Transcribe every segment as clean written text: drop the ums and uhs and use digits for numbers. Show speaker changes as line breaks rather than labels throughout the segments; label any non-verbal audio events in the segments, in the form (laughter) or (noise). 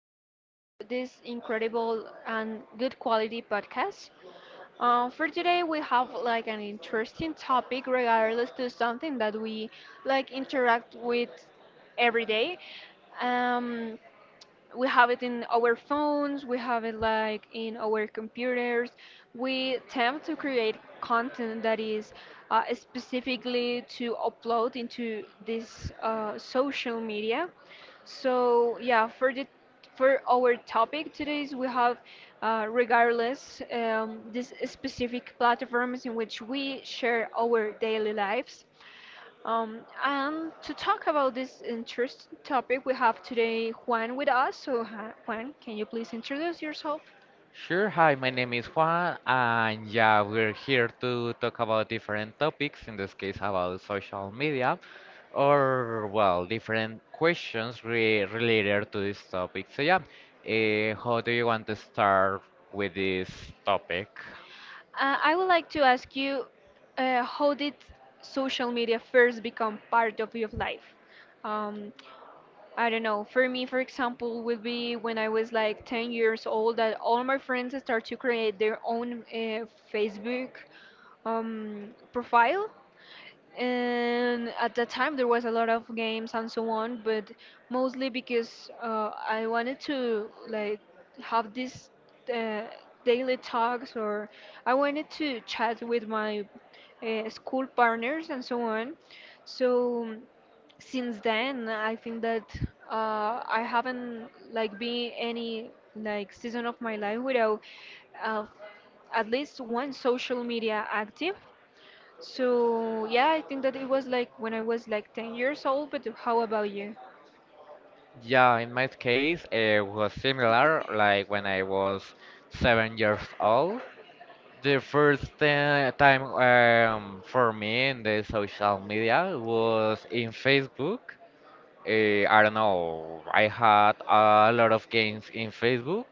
back to this incredible and good quality podcast. For today, we have like an interesting topic regardless to something that we like interact with every day. Um, we have it in our phones, we have it like in our computers, we attempt to create content that is specifically to upload into this social media. So yeah, for the for our topic today we have regardless these specific platforms in which we share our daily lives, and to talk about this interesting topic, we have today Juan with us. So, Juan, can you please introduce yourself?
Sure, hi, my name is Juan, and yeah, we're here to talk about different topics, in this case about social media, or well, different questions re related to this topic. So yeah, how do you want to start with this topic?
I would like to ask you how did social media first become part of your life? Um, I don't know. For me, for example, would be when I was like 10 years old, that all my friends start to create their own Facebook profile, and at that time there was a lot of games and so on. But mostly because I wanted to like have these uh, daily talks, or I wanted to chat with my school partners and so on. So since then I think that I haven't like been any like season of my life without, uh, at least one social media active. So yeah, I think that it was like when I was like 10 years old, but how about you?
Yeah, in my case, it was similar, like when I was 7 years old. The first time for me in the social media was in Facebook. I don't know. I had a lot of games in Facebook.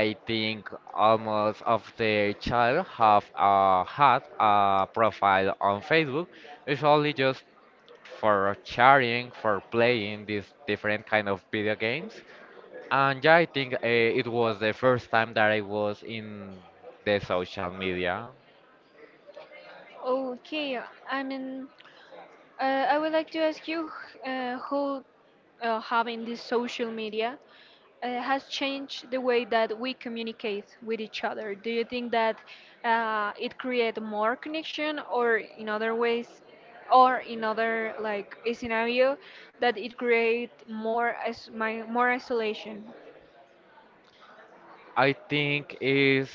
I think almost of the child have had a profile on Facebook. It's only just for sharing, for playing these different kind of video games. And yeah, I think it was the first time that I was in the social media.
Okay, I mean, uh, I would like to ask you who, having this social media, has changed the way that we communicate with each other. Do you think that it create more connection, or in other ways, or in other like a scenario that it create more as my more isolation?
I think is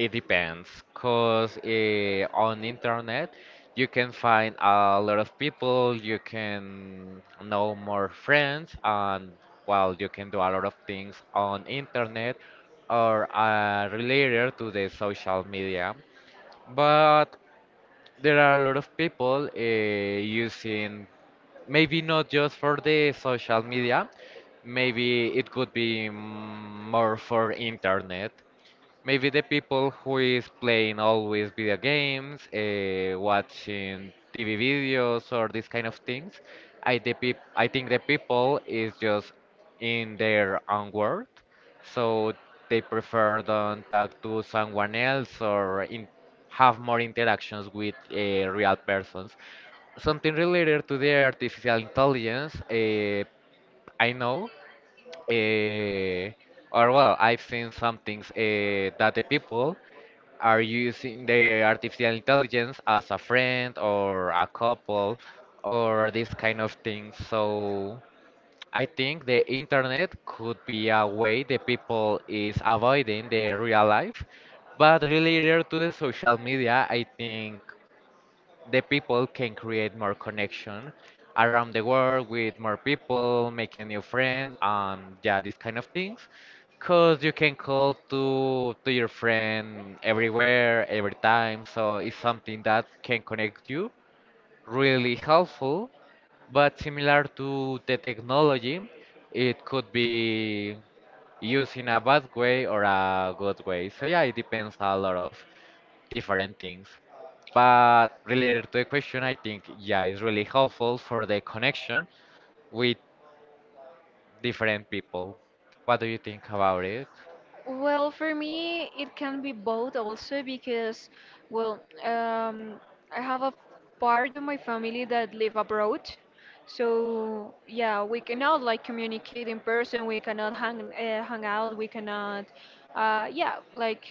It depends, cause on internet you can find a lot of people, you can know more friends, and well, you can do a lot of things on internet or related to the social media. But there are a lot of people using maybe not just for the social media, maybe it could be more for internet. Maybe the people who is playing always video games, watching TV videos or these kind of things, I think the people is just in their own world, so they prefer don't talk to someone else or in have more interactions with real persons. Something related to the artificial intelligence, I know, uh, or well, I've seen some things that the people are using the artificial intelligence as a friend or a couple or these kind of things. So I think the internet could be a way the people is avoiding the real life, but related to the social media, I think the people can create more connection around the world with more people, make a new friend, and yeah, these kind of things. Cause you can call to your friend everywhere, every time. So it's something that can connect you. Really helpful, but similar to the technology, it could be used in a bad way or a good way. So yeah, it depends a lot of different things. But related to the question, I think, yeah, it's really helpful for the connection with different people. What do you think about it?
Well, for me, it can be both also because, well, I have a part of my family that live abroad. So, yeah, we cannot like communicate in person, we cannot hang out, we cannot, yeah, like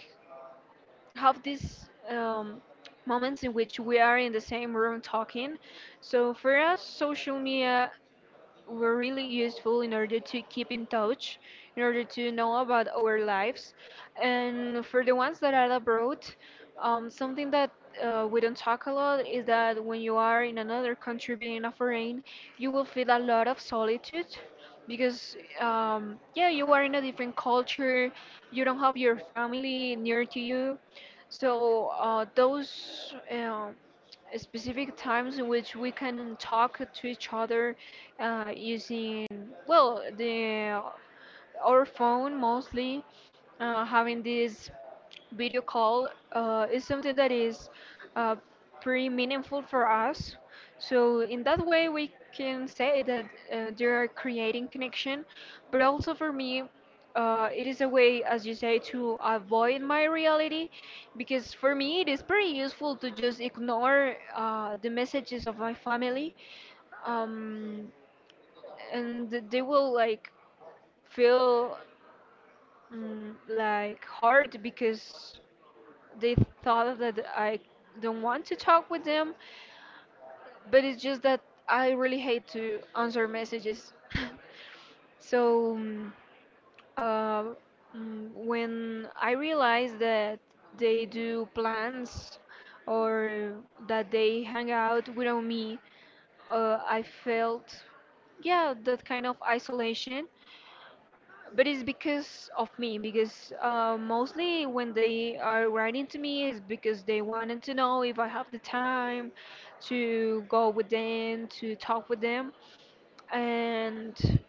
have these moments in which we are in the same room talking. So for us, social media were really useful in order to keep in touch, in order to know about our lives. And for the ones that are abroad, something that we don't talk a lot is that when you are in another country being a foreign, you will feel a lot of solitude because yeah, you are in a different culture, you don't have your family near to you, so those specific times in which we can talk to each other using well the our phone mostly, having this video call is something that is uh, pretty meaningful for us. So in that way, we can say that they are creating connection. But also for me it is a way, as you say, to avoid my reality, because for me it is pretty useful to just ignore the messages of my family, um, and they will like feel like hard because they thought that I don't want to talk with them, but it's just that I really hate to answer messages. (laughs) So uh, when I realized that they do plans or that they hang out without me, I felt, yeah, that kind of isolation. But it's because of me, because mostly when they are writing to me is because they wanted to know if I have the time to go with them, to talk with them. And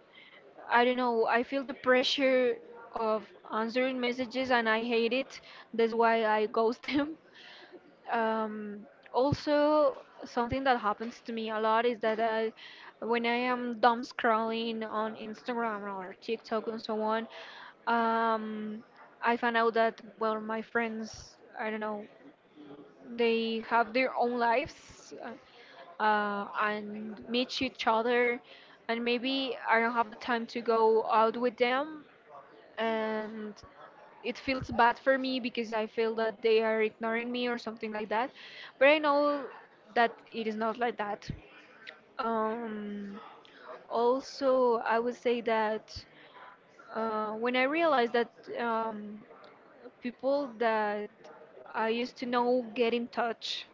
I don't know, I feel the pressure of answering messages and I hate it. That's why I (laughs) ghost them. Um, also, something that happens to me a lot is that I, when I am dumb scrolling on Instagram or TikTok and so on, um, I find out that, well, my friends, I don't know, they have their own lives and meet each other, and maybe I don't have the time to go out with them, and it feels bad for me because I feel that they are ignoring me or something like that. But I know that it is not like that. Um, also, I would say that when I realized that um, people that I used to know get in touch.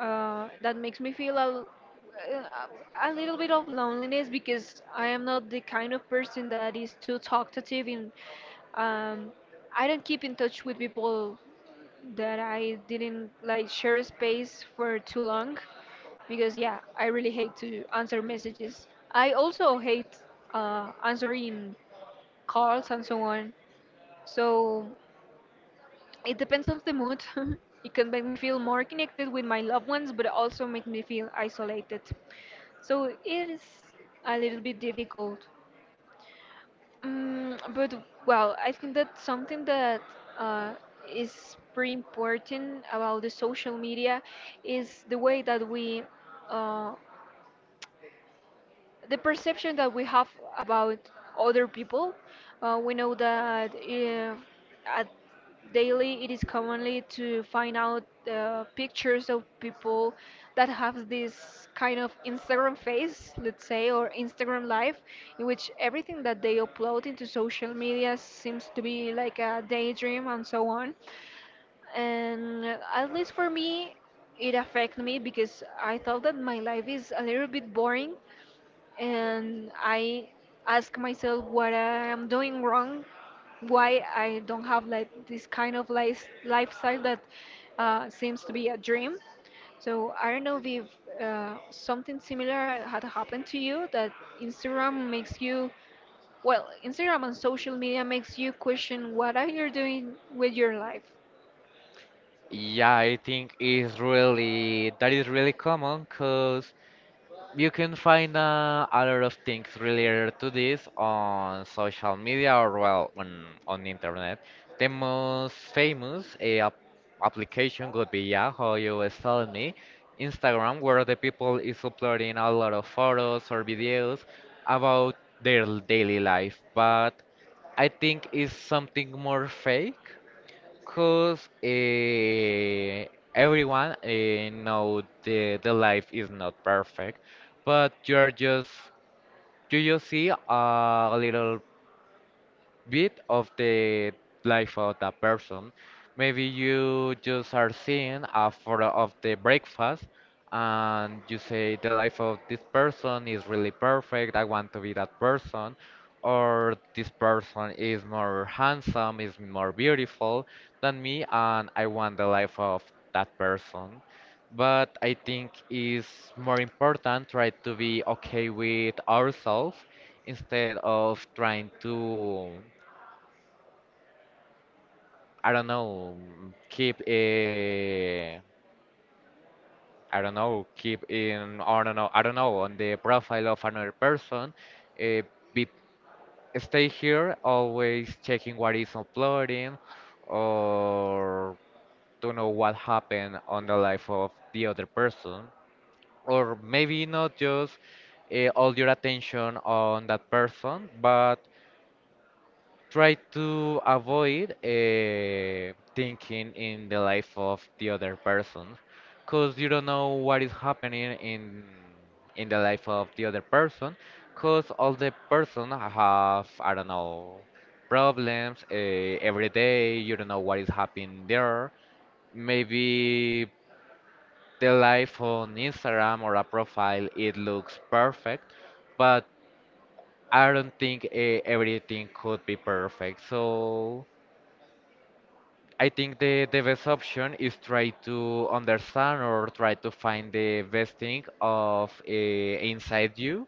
That makes me feel a little bit of loneliness, because I am not the kind of person that is too talkative, and um, I don't keep in touch with people that I didn't like share space for too long, because yeah, I really hate to answer messages. I also hate answering calls and so on. So it depends on the mood. (laughs) It can make me feel more connected with my loved ones, but also makes me feel isolated. So it is a little bit difficult. But well, I think that something that uh, is pretty important about the social media is the way that we uh, the perception that we have about other people. We know that at daily it is commonly to find out pictures of people that have this kind of Instagram face, let's say, or Instagram life, in which everything that they upload into social media seems to be like a daydream and so on. And at least for me it affected me, because I thought that my life is a little bit boring, and I ask myself what I am doing wrong, why I don't have like this kind of lifestyle that seems to be a dream. So I don't know if something similar had happened to you, that instagram makes you instagram and social media makes you question what are you doing with your life.
Yeah, I think it's really that is really common because you can find a lot of things related to this on social media or well on the internet. The most famous application could be Yahoo, you was telling me, Instagram, where the people is uploading a lot of photos or videos about their daily life. But I think it's something more fake. Cause everyone know the life is not perfect, but you just see a little bit of the life of that person. Maybe you just are seeing a photo of the breakfast and you say the life of this person is really perfect, I want to be that person, or this person is more handsome, is more beautiful than me, and I want the life of that person. But I think it's more important try to be okay with ourselves instead of trying to I don't know, mm, keep I don't know, keep in I don't know, on the profile of another person, uh, be stay here always checking what is uploading or to know what happened on the life of the other person, or maybe not just all your attention on that person, but try to avoid thinking in the life of the other person because you don't know what is happening in the life of the other person because all the person have I don't know problems every day. You don't know what is happening there. Maybe the life on Instagram or a profile it looks perfect, but I don't think everything could be perfect. So I think the best option is try to understand or try to find the best thing of inside you.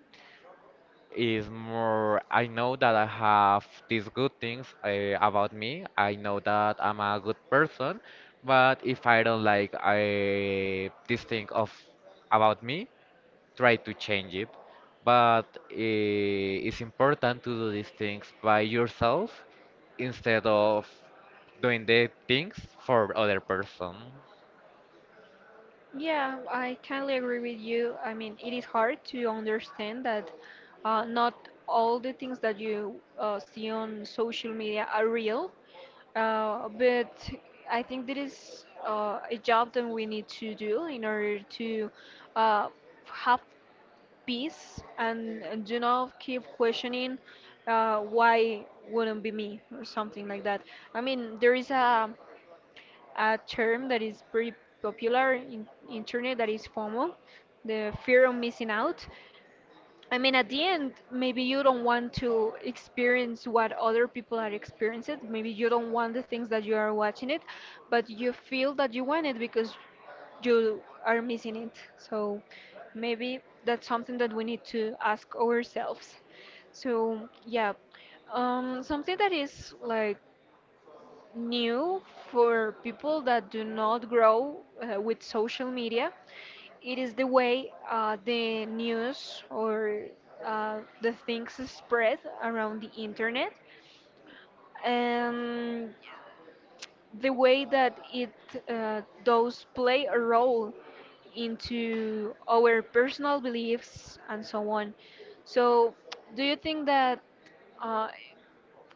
Is more, I know that I have these good things about me. I know that I'm a good person, but if I don't this thing of about me, try to change it. But it's important to do these things by yourself instead of doing the things for other person.
Yeah, I kindly agree with you. I mean, it is hard to understand that not all the things that you see on social media are real, but I think there is a job that we need to do in order to uh, have peace and do not keep questioning why wouldn't be me or something like that. I mean, there is a term that is pretty popular in internet, that is FOMO, the fear of missing out. I mean, at the end, maybe you don't want to experience what other people are experiencing. Maybe you don't want the things that you are watching it, but you feel that you want it because you are missing it. So maybe that's something that we need to ask ourselves. So yeah, something that is like new for people that do not grow with social media. It is the way the news or the things spread around the internet, and the way that it does play a role into our personal beliefs and so on. So, do you think that uh,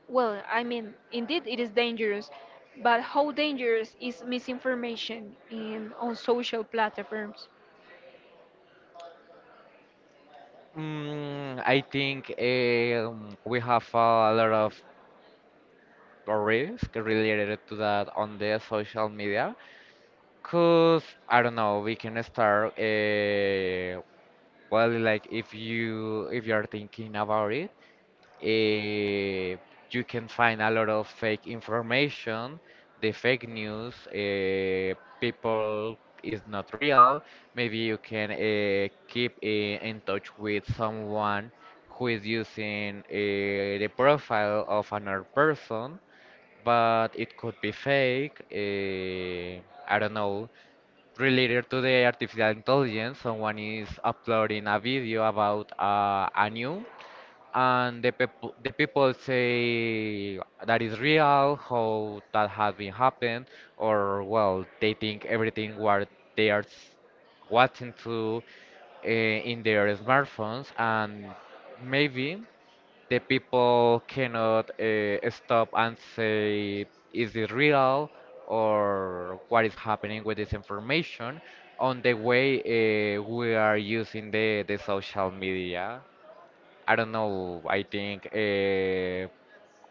well, I mean, indeed it is dangerous, but how dangerous is misinformation in on social platforms?
I think we have a lot of risk related to that on the social media. Cause I don't know, we can start well, like if you are thinking about it, eh, you can find a lot of fake information. The fake news, people is not real. Maybe you can keep in touch with someone who is using the profile of another person, but it could be fake. I don't know. Related to the artificial intelligence, someone is uploading a video about a news and the people say that is real how that has been happened, or well they think everything what they watching to in their smartphones, and maybe the people cannot stop and say is it real or what is happening with this information on the way we are using the social media. I don't know. I think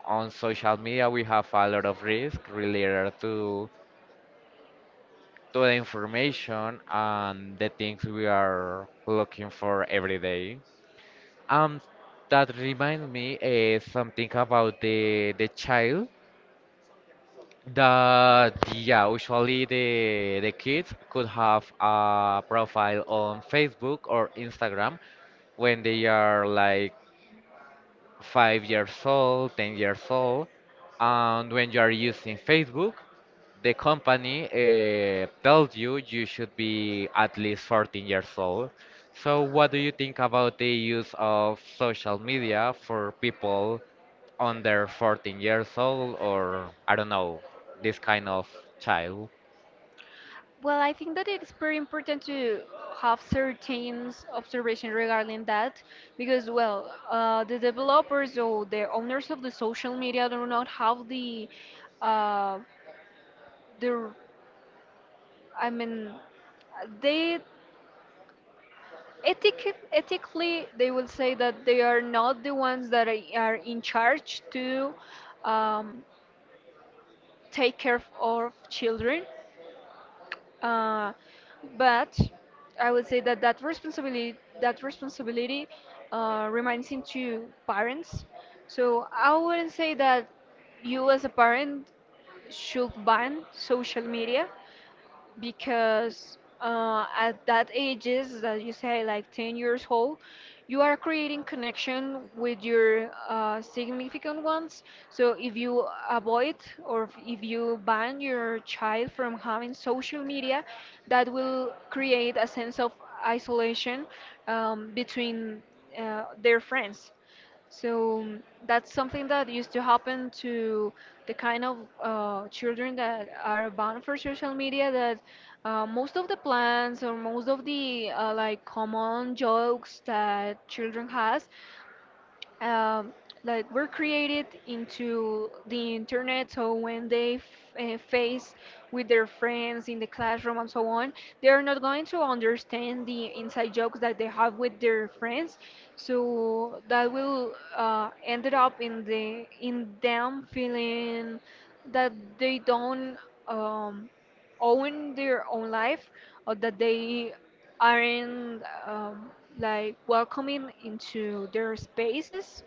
on social media we have a lot of risk related to the information and the things we are looking for every day. Um, that reminds me something about the child, that yeah, usually the kids could have a profile on Facebook or Instagram when they are like 5 years old, 10 years old. And when you are using Facebook, the company tells you you should be at least 14 years old. So, what do you think about the use of social media for people under 14 years old or I don't know, this kind of child?
Well, I think that it's very important to have certain observation regarding that, because, well, the developers or the owners of the social media do not have uh, the, I mean, they Ethic, ethically, they will say that they are not the ones that are in charge to um, take care of children. Uh, but I would say that that responsibility remains to parents. So I wouldn't say that you as a parent should ban social media, because at that ages that you say, like 10 years old, you are creating connection with your significant ones. So if you avoid, or if you ban your child from having social media, that will create a sense of isolation between their friends. So that's something that used to happen to the kind of children that are bound for social media, that most of the plans or most of the like common jokes that children has um, like were created into the internet. So when they face with their friends in the classroom and so on, they are not going to understand the inside jokes that they have with their friends. So that will ended up in the in them feeling that they don't um, own their own life, or that they aren't like welcoming into their spaces.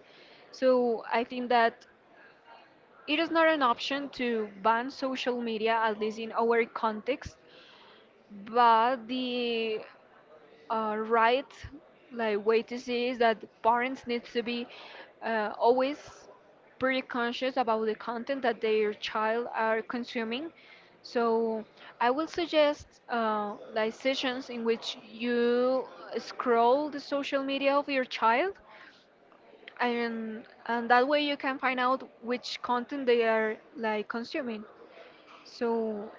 So I think that it is not an option to ban social media, at least in our context, but the right like way to see is that parents need to be always pretty conscious about the content that their child are consuming. So I will suggest like sessions in which you scroll the social media of your child, and that way you can find out which content they are like consuming. So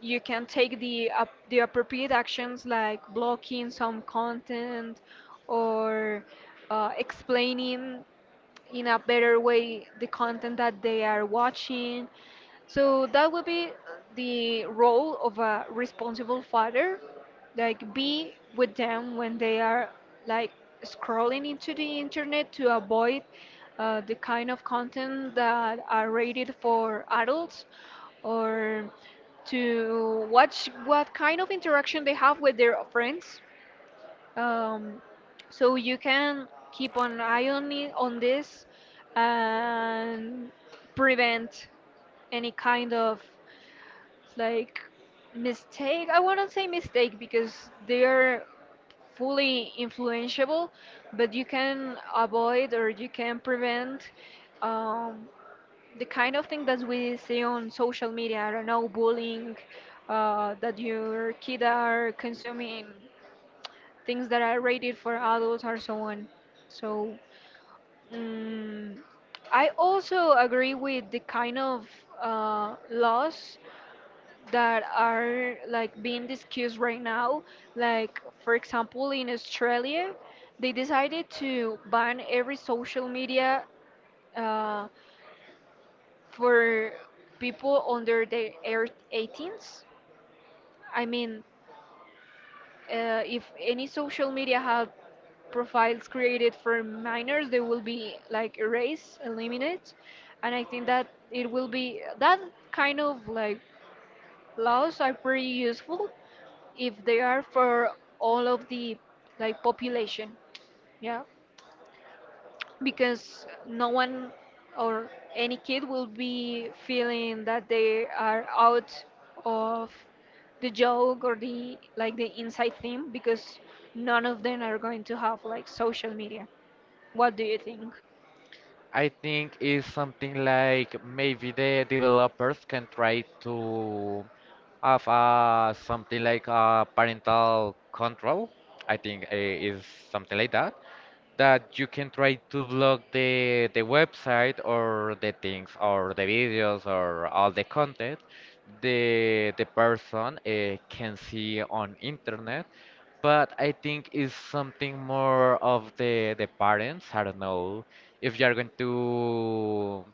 you can take the appropriate actions, like blocking some content, or explaining in a better way the content that they are watching. So that would be the role of a responsible father, like be with them when they are like scrolling into the internet to avoid the kind of content that are rated for adults, or to watch what kind of interaction they have with their friends, um, so you can keep an eye on it, on this, and prevent any kind of like mistake. I wouldn't say mistake because they are fully influenceable, but you can avoid or you can prevent um, the kind of thing that we see on social media. I don't know, bullying, that your kid are consuming things that are rated for adults or so on. So mm I also agree with the kind of laws that are like being discussed right now. Like for example, in Australia, they decided to ban every social media uh, for people under the 18s. I mean, if any social media have profiles created for minors, they will be like erased, eliminated, and I think that it will be that kind of like laws are pretty useful if they are for all of the like population, yeah, because no one or any kid will be feeling that they are out of the joke or the like the inside theme because none of them are going to have like social media. What do you think?
I think is something like maybe the developers can try to have something like parental control. I think is something like that. That you can try to block the website or the things or the videos or all the content the person can see on internet, but I think it's something more of the parents. I don't know if you're going to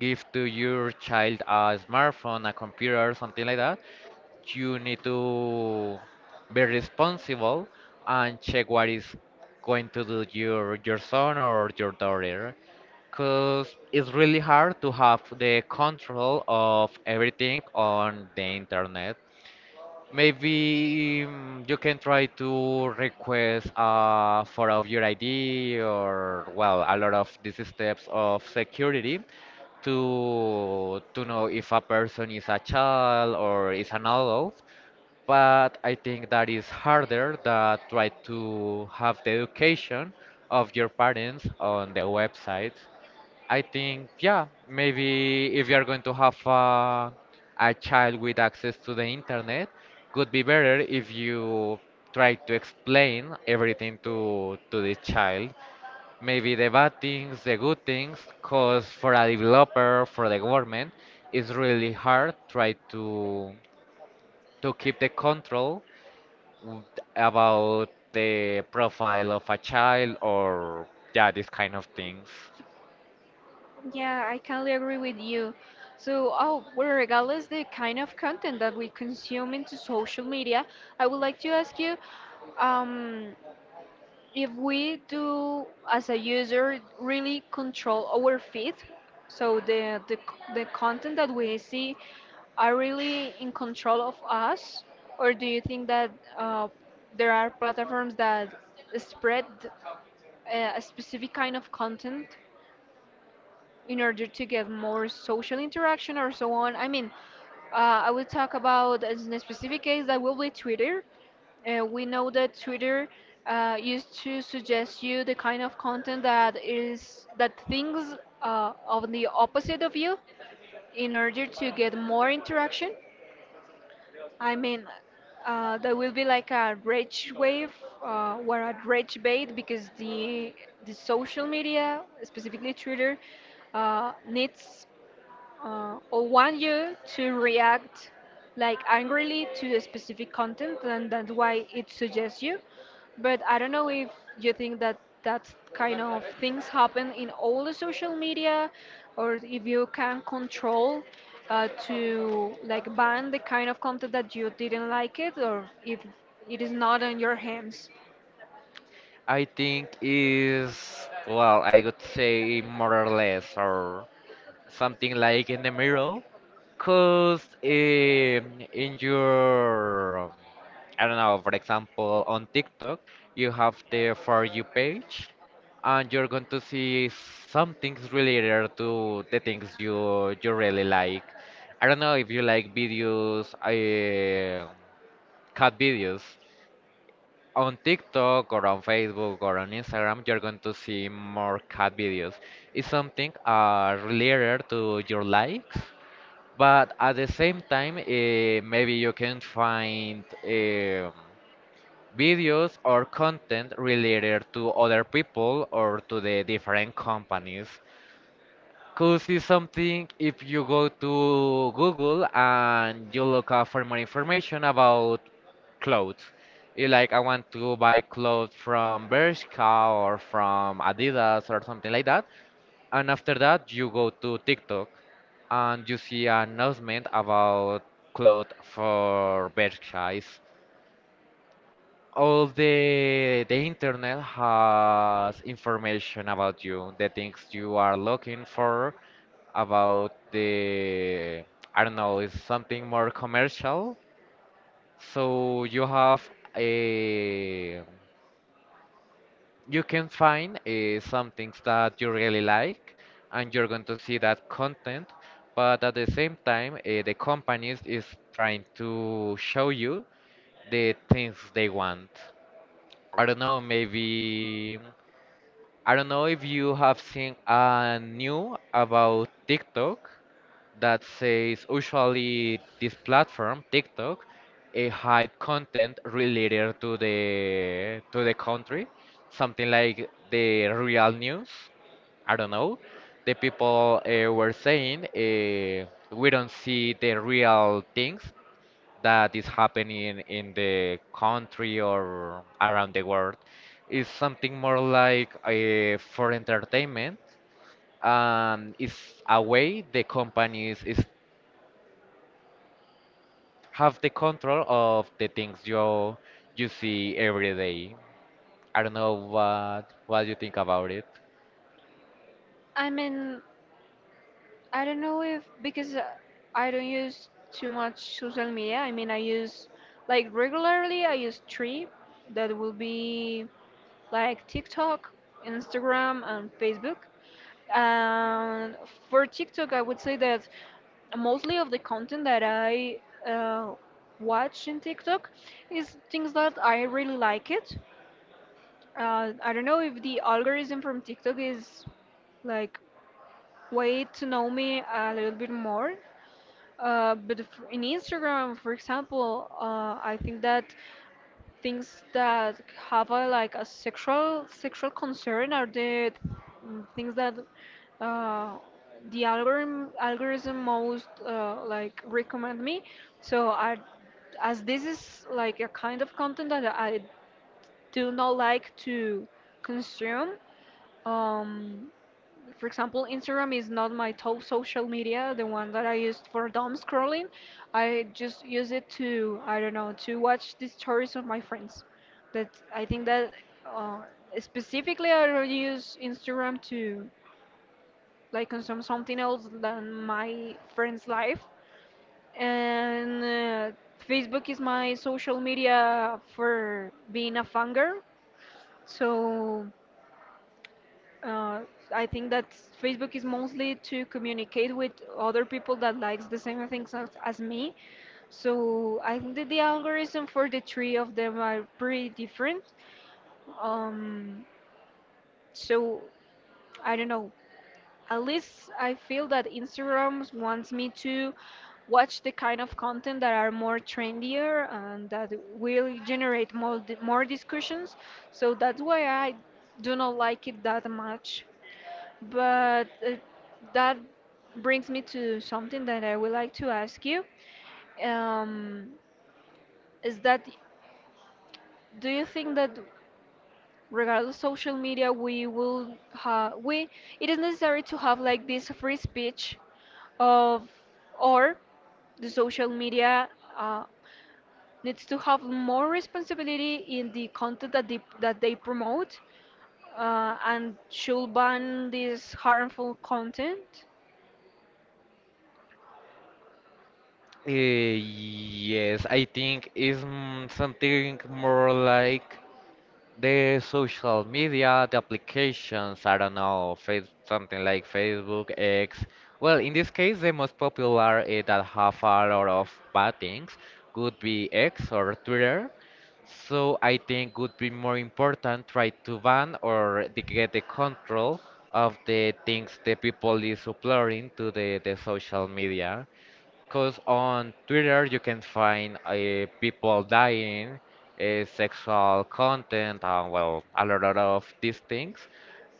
give to your child a smartphone, a computer, or something like that. You need to be responsible and check what is going to do your son or your daughter. Cause it's really hard to have the control of everything on the internet. Maybe you can try to request a photo of your ID or well, a lot of these steps of security to know if a person is a child or is an adult. But I think that is harder than try to have the education of your parents on the website. I think, yeah, maybe if you are going to have a child with access to the internet, could be better if you try to explain everything to the child. Maybe the bad things, the good things, because for a developer, for the government, it's really hard try to keep the control w- about the profile of a child or yeah, these kind of things.
Yeah, I kindly agree with you. So, oh, well, regardless the kind of content that we consume into social media, I would like to ask you, um, if we do as a user really control our feed, so the content that we see are really in control of us, or do you think that uh, there are platforms that spread a specific kind of content in order to get more social interaction or so on. I mean, I will talk about as in a specific case that will be Twitter. We know that Twitter used to suggest you the kind of content that is that thinks of the opposite of you in order to get more interaction. I mean, there will be like a rage wave, or a rage bait, because the social media, specifically Twitter, needs or want you to react like angrily to the specific content, and that's why it suggests you. But I don't know if you think that that kind of things happen in all the social media, or if you can control to like ban the kind of content that you didn't like it, or if it is not on your hands.
I think is well, I would say more or less or something like in the middle, cause in your I don't know, for example, on TikTok you have the For You page, and you're going to see some things related to the things you really like. I don't know if you like videos, cat videos on TikTok or on Facebook or on Instagram, you're going to see more cat videos. It's something related to your likes, but at the same time, maybe you can find videos or content related to other people or to the different companies. Could see something if you go to Google and you look up for more information about clothes. You like, I want to buy clothes from Bershka or from Adidas or something like that. And after that, you go to TikTok and you see an announcement about clothes for Bershka. It's all the internet has information about you, the things you are looking for, about the I don't know, it's something more commercial. So you have a you can find some things that you really like, and you're going to see that content. But at the same time, the companies is trying to show you the things they want. I don't know, maybe I don't know if you have seen a new about TikTok that says usually this platform, TikTok, a hide content related to the country, something like the real news. I don't know. The people were saying we don't see the real things that is happening in the country or around the world is something more like for entertainment. It's a way the companies is have the control of the things you see every day. I don't know what you think about it.
I mean, I don't know if because I don't use too much social media. I mean, I use like regularly. I use three. That will be like TikTok, Instagram, and Facebook. And for TikTok, I would say that mostly of the content that I uh, watch in TikTok is things that I really like it. I don't know if the algorithm from TikTok is like way to know me a little bit more. But in Instagram, for example, I think that things that have a, like a sexual concern are the things that uh, the algorithm most like recommend me. So I, as this is like a kind of content that I do not like to consume. Um, for example, Instagram is not my top social media, the one that I used for dumb scrolling. I just use it to, I don't know, to watch the stories of my friends. That I think that uh, specifically I don't use Instagram to like consume something else than my friend's life. And Facebook is my social media for being a fan girl. So uh, I think that Facebook is mostly to communicate with other people that likes the same things as me. So I think that the algorithm for the three of them are pretty different. Um, so I don't know. At least I feel that Instagram wants me to watch the kind of content that are more trendier and that will generate more discussions. So that's why I do not like it that much. But that brings me to something that I would like to ask you. Um, is that do you think that regardless of social media, we will have we it is necessary to have like this free speech of, or the social media uh, needs to have more responsibility in the content that that they promote, and should ban this harmful content?
Yes, I think it's something more like the social media, the applications, I don't know, something like Facebook, X. Well, in this case, the most popular that have a lot of bad things would be X or Twitter. So I think would be more important try to ban or to get the control of the things the people is uploading to the social media. Because on Twitter you can find people dying, sexual content, and well, a lot of these things.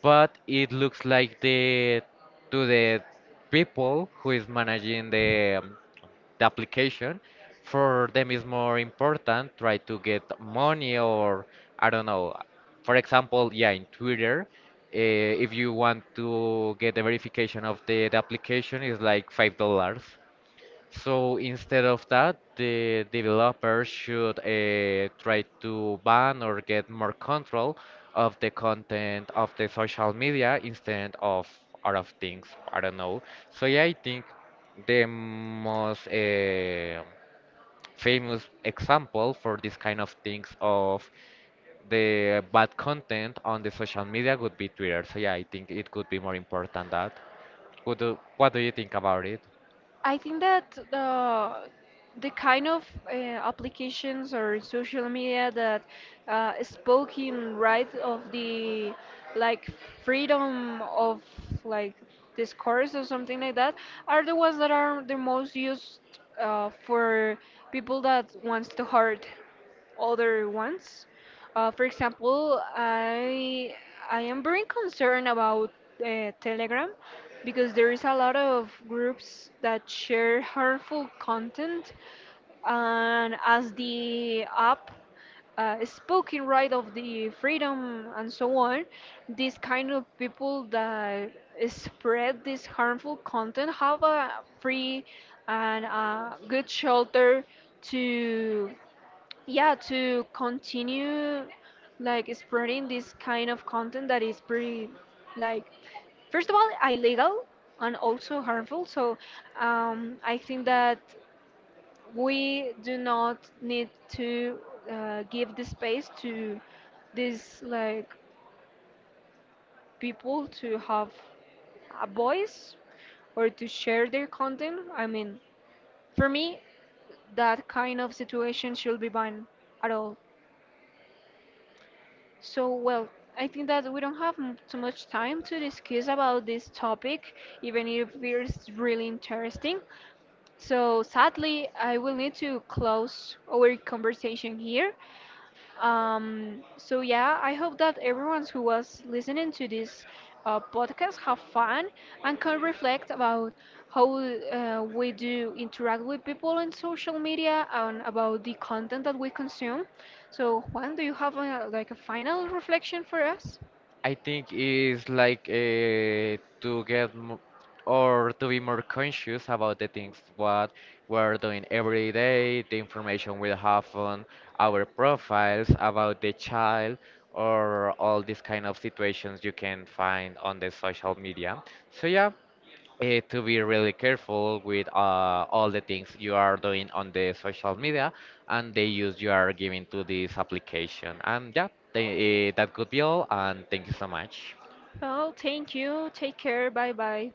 But it looks like the to the people who is managing the application, for them is more important try to get money or I don't know. For example, yeah, in Twitter, if you want to get the verification of the application, is like $5. So instead of that, the developer should try to ban or get more control of the content of the social media instead of out of things. I don't know. So yeah, I think the most famous example for this kind of things of the bad content on the social media would be Twitter. So yeah, I think it could be more important that. What do you think about it?
I think that the kind of applications or social media that spoke in right of the like freedom of like discourse or something like that are the ones that are the most used for people that wants to hurt other ones. For example, I am very concerned about Telegram because there is a lot of groups that share harmful content, and as the app spoken right of the freedom and so on, these kind of people that spread this harmful content have a free and a good shelter to, yeah, to continue like spreading this kind of content that is pretty like first of all illegal and also harmful. So I think that we do not need to give the space to these like people to have a voice or to share their content. I mean, for me that kind of situation should be banned at all. So, well, I think that we don't have too much time to discuss about this topic, even if it's really interesting. So, sadly, I will need to close our conversation here. So yeah, I hope that everyone who was listening to this podcast have fun and can reflect about how we do interact with people on social media and about the content that we consume. So Juan, do you have a, like a final reflection for us?
I think is like to get mo or to be more conscious about the things what we're doing every day, the information we have on our profiles about the child or all these kind of situations you can find on the social media. So yeah, to be really careful with all the things you are doing on the social media and the use you are giving to this application. And yeah, that could be all. And thank you so much.
Well, thank you. Take care. Bye bye.